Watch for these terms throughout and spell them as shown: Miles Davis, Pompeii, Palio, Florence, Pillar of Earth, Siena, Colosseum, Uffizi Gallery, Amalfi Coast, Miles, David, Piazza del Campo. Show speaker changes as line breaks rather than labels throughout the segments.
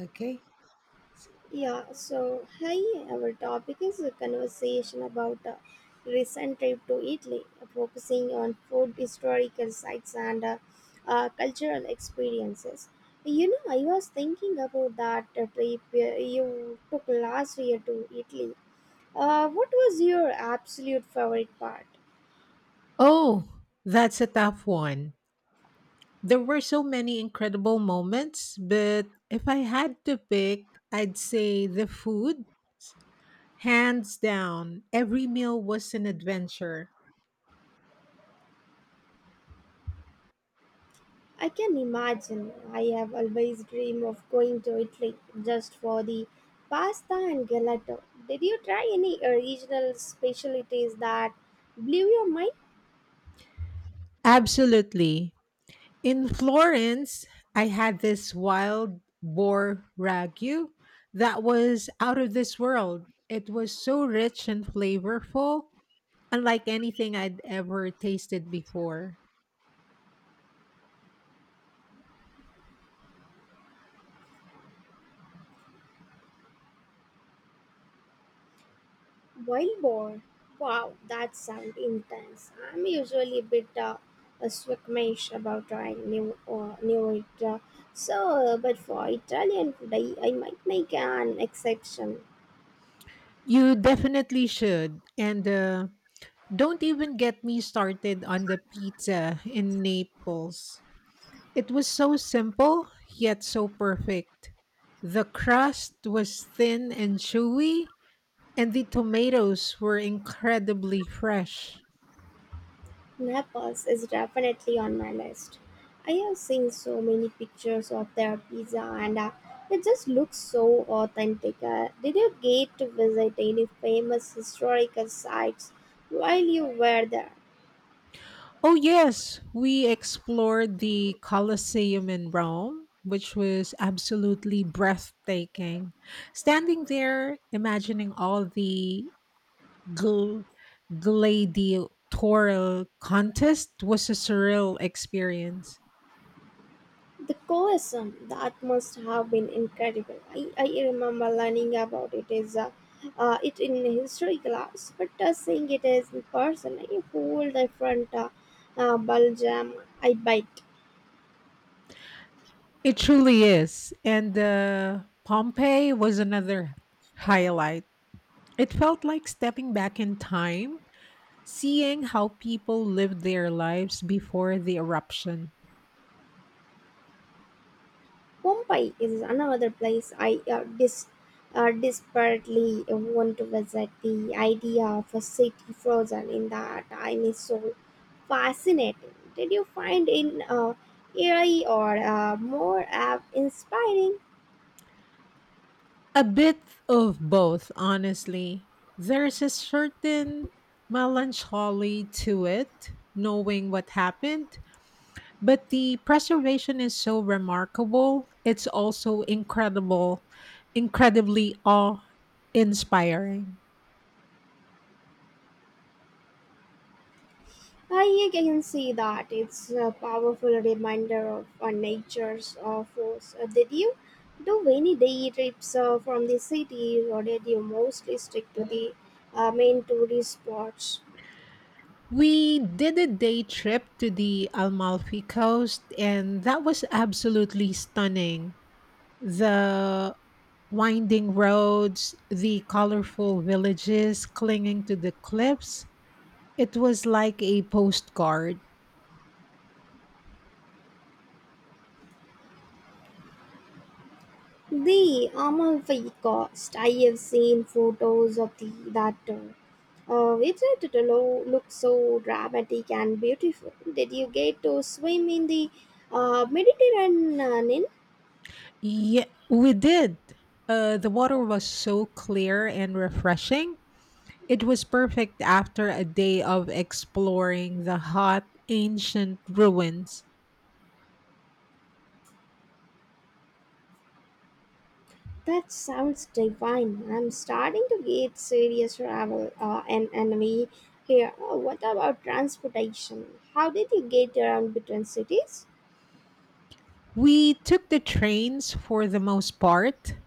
Okay.
Yeah, so hi, our topic is a conversation about a recent trip to Italy, focusing on food, historical sites, and cultural experiences. You know, I was thinking about that trip you took last year to Italy. What was your absolute favorite part?
Oh, that's a tough one. There were so many incredible moments, but if I had to pick, I'd say the food. Hands down, every meal was an adventure.
I can imagine. I have always dreamed of going to Italy just for the pasta and gelato. Did you try any original specialties that blew your mind?
Absolutely. In Florence, I had this wild boar ragu that was out of this world. It was so rich and flavorful, unlike anything I'd ever tasted before.
Wild boar. Wow, that sounds intense. I'm usually a bit a squeamish about trying new new it. But for Italian food, I might make an exception.
You definitely should. And Don't even get me started on the pizza in Naples. It was so simple, yet so perfect. The crust was thin and chewy, and the tomatoes were incredibly fresh.
Naples is definitely on my list. I have seen so many pictures of their pizza and it just looks so authentic. Did you get to visit any famous historical sites while you were there?
Oh, yes, we explored the Colosseum in Rome, which was absolutely breathtaking. Standing there, imagining all the gl- gladiatorial contest was a surreal experience.
The Colosseum, that must have been incredible. I remember learning about it in history class, but seeing it is in person, a whole different Belgium. I bite.
It truly is. And Pompeii was another highlight. It felt like stepping back in time, seeing how people lived their lives before the eruption.
Pompeii is another place I desperately want to visit. The idea of a city frozen in the time is so fascinating. Did you find it eerie or more inspiring?
A bit of both, honestly. There's a certain melancholy to it, knowing what happened, but the preservation is so remarkable. It's also incredible, incredibly awe inspiring.
I can see that it's a powerful reminder of nature's force. Did you do any day trips from the city, or did you mostly stick to the main tourist spots?
We did a day trip to the Amalfi Coast, and that was absolutely stunning. The winding roads, the colorful villages clinging to the cliffs, it was like a postcard.
The Amalfi Coast. I have seen photos of the that. Looks so dramatic and beautiful. Did you get to swim in the Mediterranean?
Yeah, we did. The water was so clear and refreshing. It was perfect after a day of exploring the hot ancient ruins.
That sounds divine. I'm starting to get serious travel and envy here. Oh, what about transportation? How did you get around between cities?
We took the trains for the most part.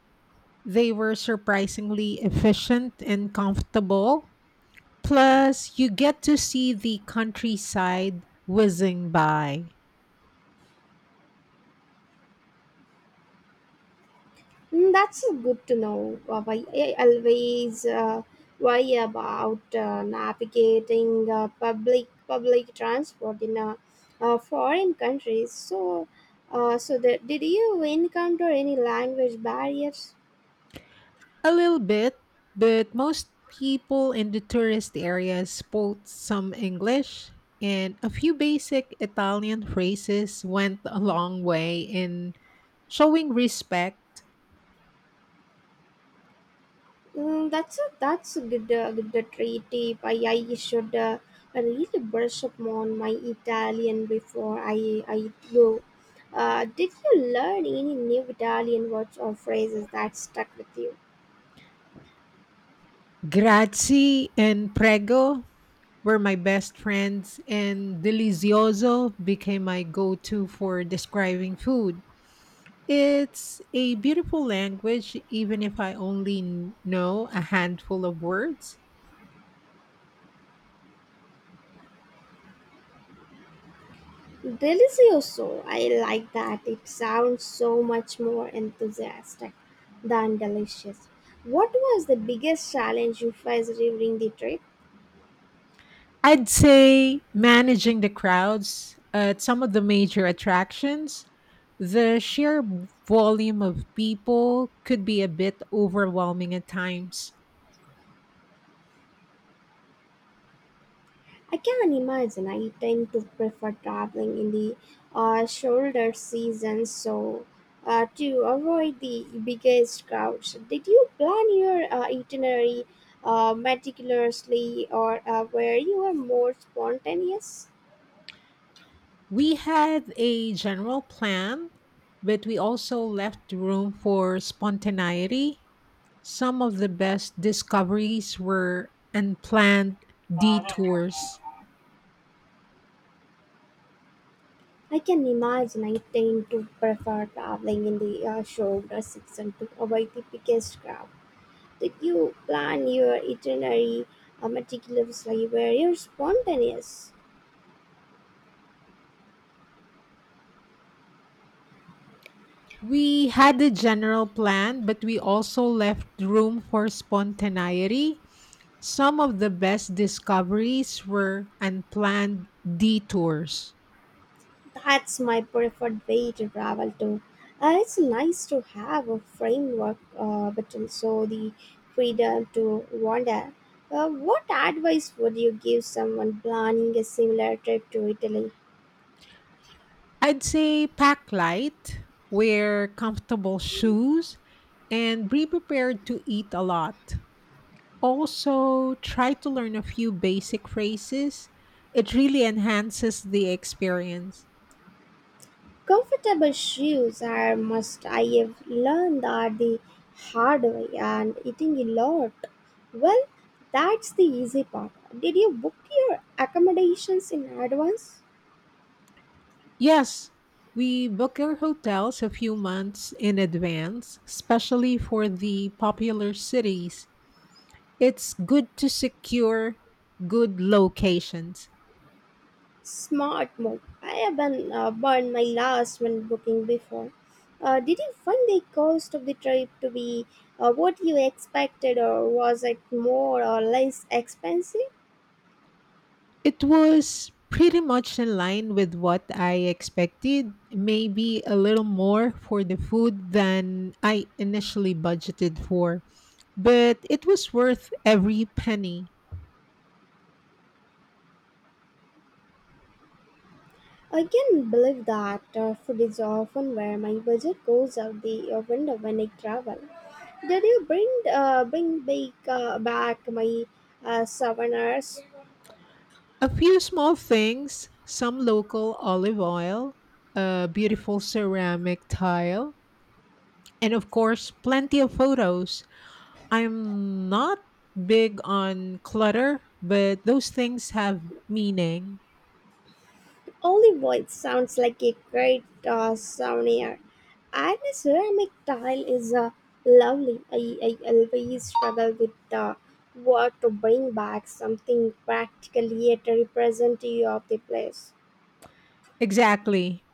They were surprisingly efficient and comfortable. Plus, you get to see the countryside whizzing by.
Mm, that's good to know. Why I always worry about navigating public transport in foreign countries. So that did you encounter any language barriers?
A little bit, but most people in the tourist areas spoke some English, and a few basic Italian phrases went a long way in showing respect.
Mm, that's a good good treat tip. I should really brush up on my Italian before I go. Did you learn any new Italian words or phrases that stuck with you?
Grazie and prego were my best friends, and delizioso became my go to for describing food. It's a beautiful language, even if I only know a handful of words.
Delicioso. I like that. It sounds so much more enthusiastic than delicious. What was the biggest challenge you faced during the trip?
I'd say managing the crowds at some of the major attractions. The sheer volume of people could be a bit overwhelming at times.
I can imagine. I tend to prefer traveling in the shoulder season, so to avoid the biggest crowds. Did you plan your itinerary meticulously, or were you more spontaneous?
We had a general plan, but we also left room for spontaneity. Some of the best discoveries were unplanned detours.
I can imagine I tend to prefer traveling in the shoulder section to avoid the biggest crowd. Did you plan your itinerary meticulously? Were you spontaneous?
We had a general plan, but we also left room for spontaneity. Some of the best discoveries were unplanned detours.
That's my preferred way to travel too. It's nice to have a framework, but also the freedom to wander. What advice would you give someone planning a similar trip to Italy?
I'd say pack light, wear comfortable shoes, and be prepared to eat a lot. Also, try to learn a few basic phrases. It really enhances the experience.
Comfortable shoes are must. I have learned that the hard way and eating a lot. Well, that's the easy part. Did you book your accommodations in advance?
Yes, we book our hotels a few months in advance, especially for the popular cities. It's good to secure good locations.
Smart move. I have been burned my last when booking before. Did you find the cost of the trip to be what you expected, or was it more or less expensive?
It was pretty much in line with what I expected, maybe a little more for the food than I initially budgeted for, but it was worth every penny.
I can believe that food is often where my budget goes out the window when I travel. Did you bring back my souvenirs?
A few small things, some local olive oil, a beautiful ceramic tile, and of course, plenty of photos. I'm not big on clutter, but those things have meaning.
Olive oil sounds like a great souvenir. And the ceramic tile is lovely. I always struggle with what to bring back something practically yet representative of the place.
Exactly.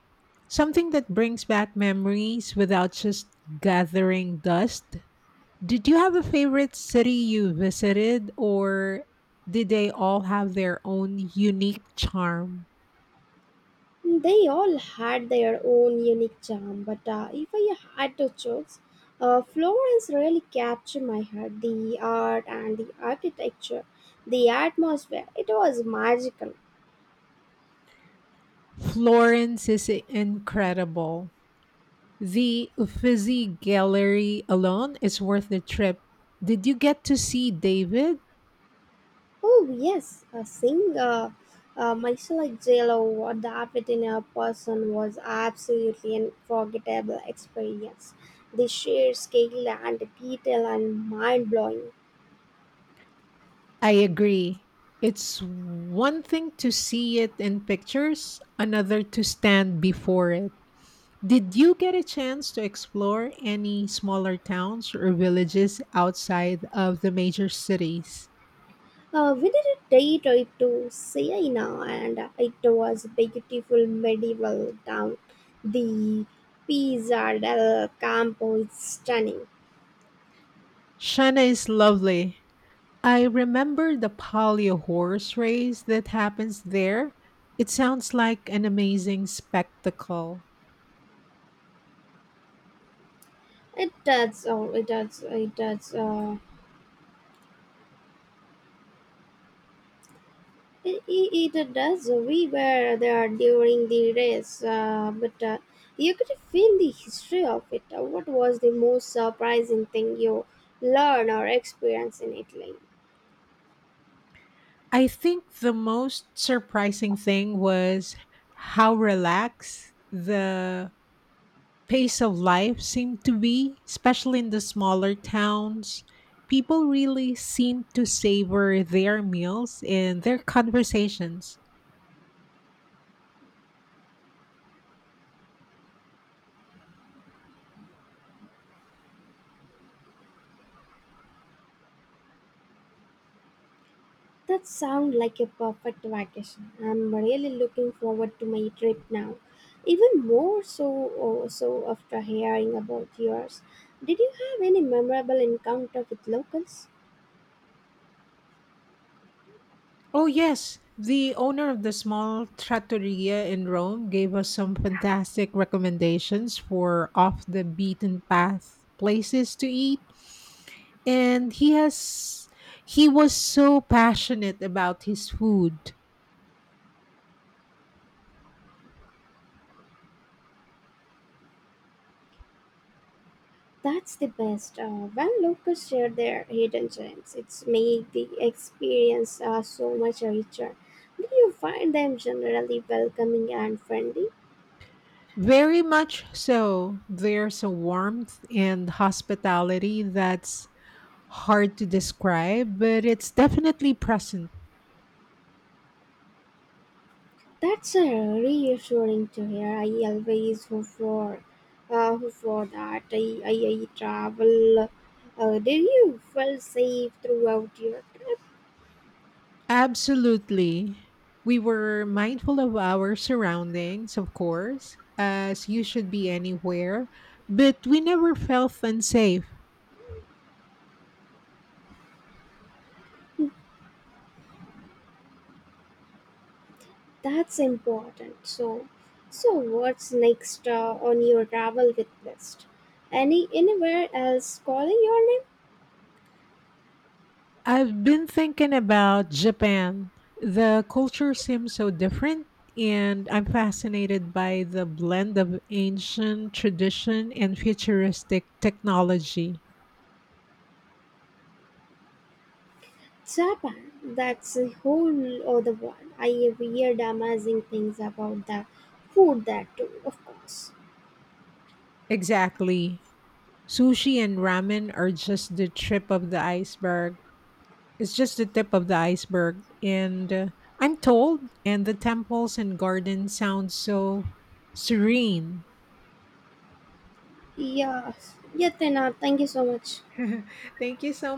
Something that brings back memories without just gathering dust. Did you have a favorite city you visited, or did they all have their own unique charm?
They all had their own unique charm, but if I had to choose, Florence really captured my heart. The art and the architecture, the atmosphere, it was magical.
Florence is incredible. The Uffizi Gallery alone is worth the trip. Did you get to see David?
Oh, yes, seeing Michelle Jello adapted in a person was absolutely an unforgettable experience. The sheer scale and detail and mind blowing.
I agree. It's one thing to see it in pictures, another to stand before it. Did you get a chance to explore any smaller towns or villages outside of the major cities?
We did a day trip to Siena, and it was a beautiful medieval town. The Pizza del Campo is stunning.
Shana is lovely. I remember the Palio horse race that happens there. It sounds like an amazing spectacle.
It does, oh, it does, it does. We were there during the race, but you could feel the history of it. What was the most surprising thing you learned or experienced in Italy?
I think the most surprising thing was how relaxed the pace of life seemed to be, especially in the smaller towns. People really seem to savor their meals and their conversations.
That sounds like a perfect vacation. I'm really looking forward to my trip now. Even more so oh, so after hearing about yours. Did you have any memorable encounter with locals?
Oh, yes. The owner of the small trattoria in Rome gave us some fantastic recommendations for off the beaten path places to eat. And he was so passionate about his food.
That's the best. When locals share their hidden gems, it's made the experience so much richer. Do you find them generally welcoming and friendly?
Very much so. There's a warmth and hospitality that's hard to describe, but it's definitely present.
That's reassuring to hear. I always hope for, hope for that. I travel. Did you feel safe throughout your trip?
Absolutely. We were mindful of our surroundings, of course, as you should be anywhere, but we never felt unsafe.
That's important. So what's next on your travel with list? Anywhere else calling your name?
I've been thinking about Japan. The culture seems so different, and I'm fascinated by the blend of ancient tradition and futuristic technology.
Japan. That's a whole other world. I have heard amazing things about the food there too. Of course.
Exactly. Sushi and ramen are just the tip of the iceberg. It's just the tip of the iceberg. And I'm told, and the temples and gardens sound so serene.
Yeah. Yeah, Tina. Thank you so much.
Thank you so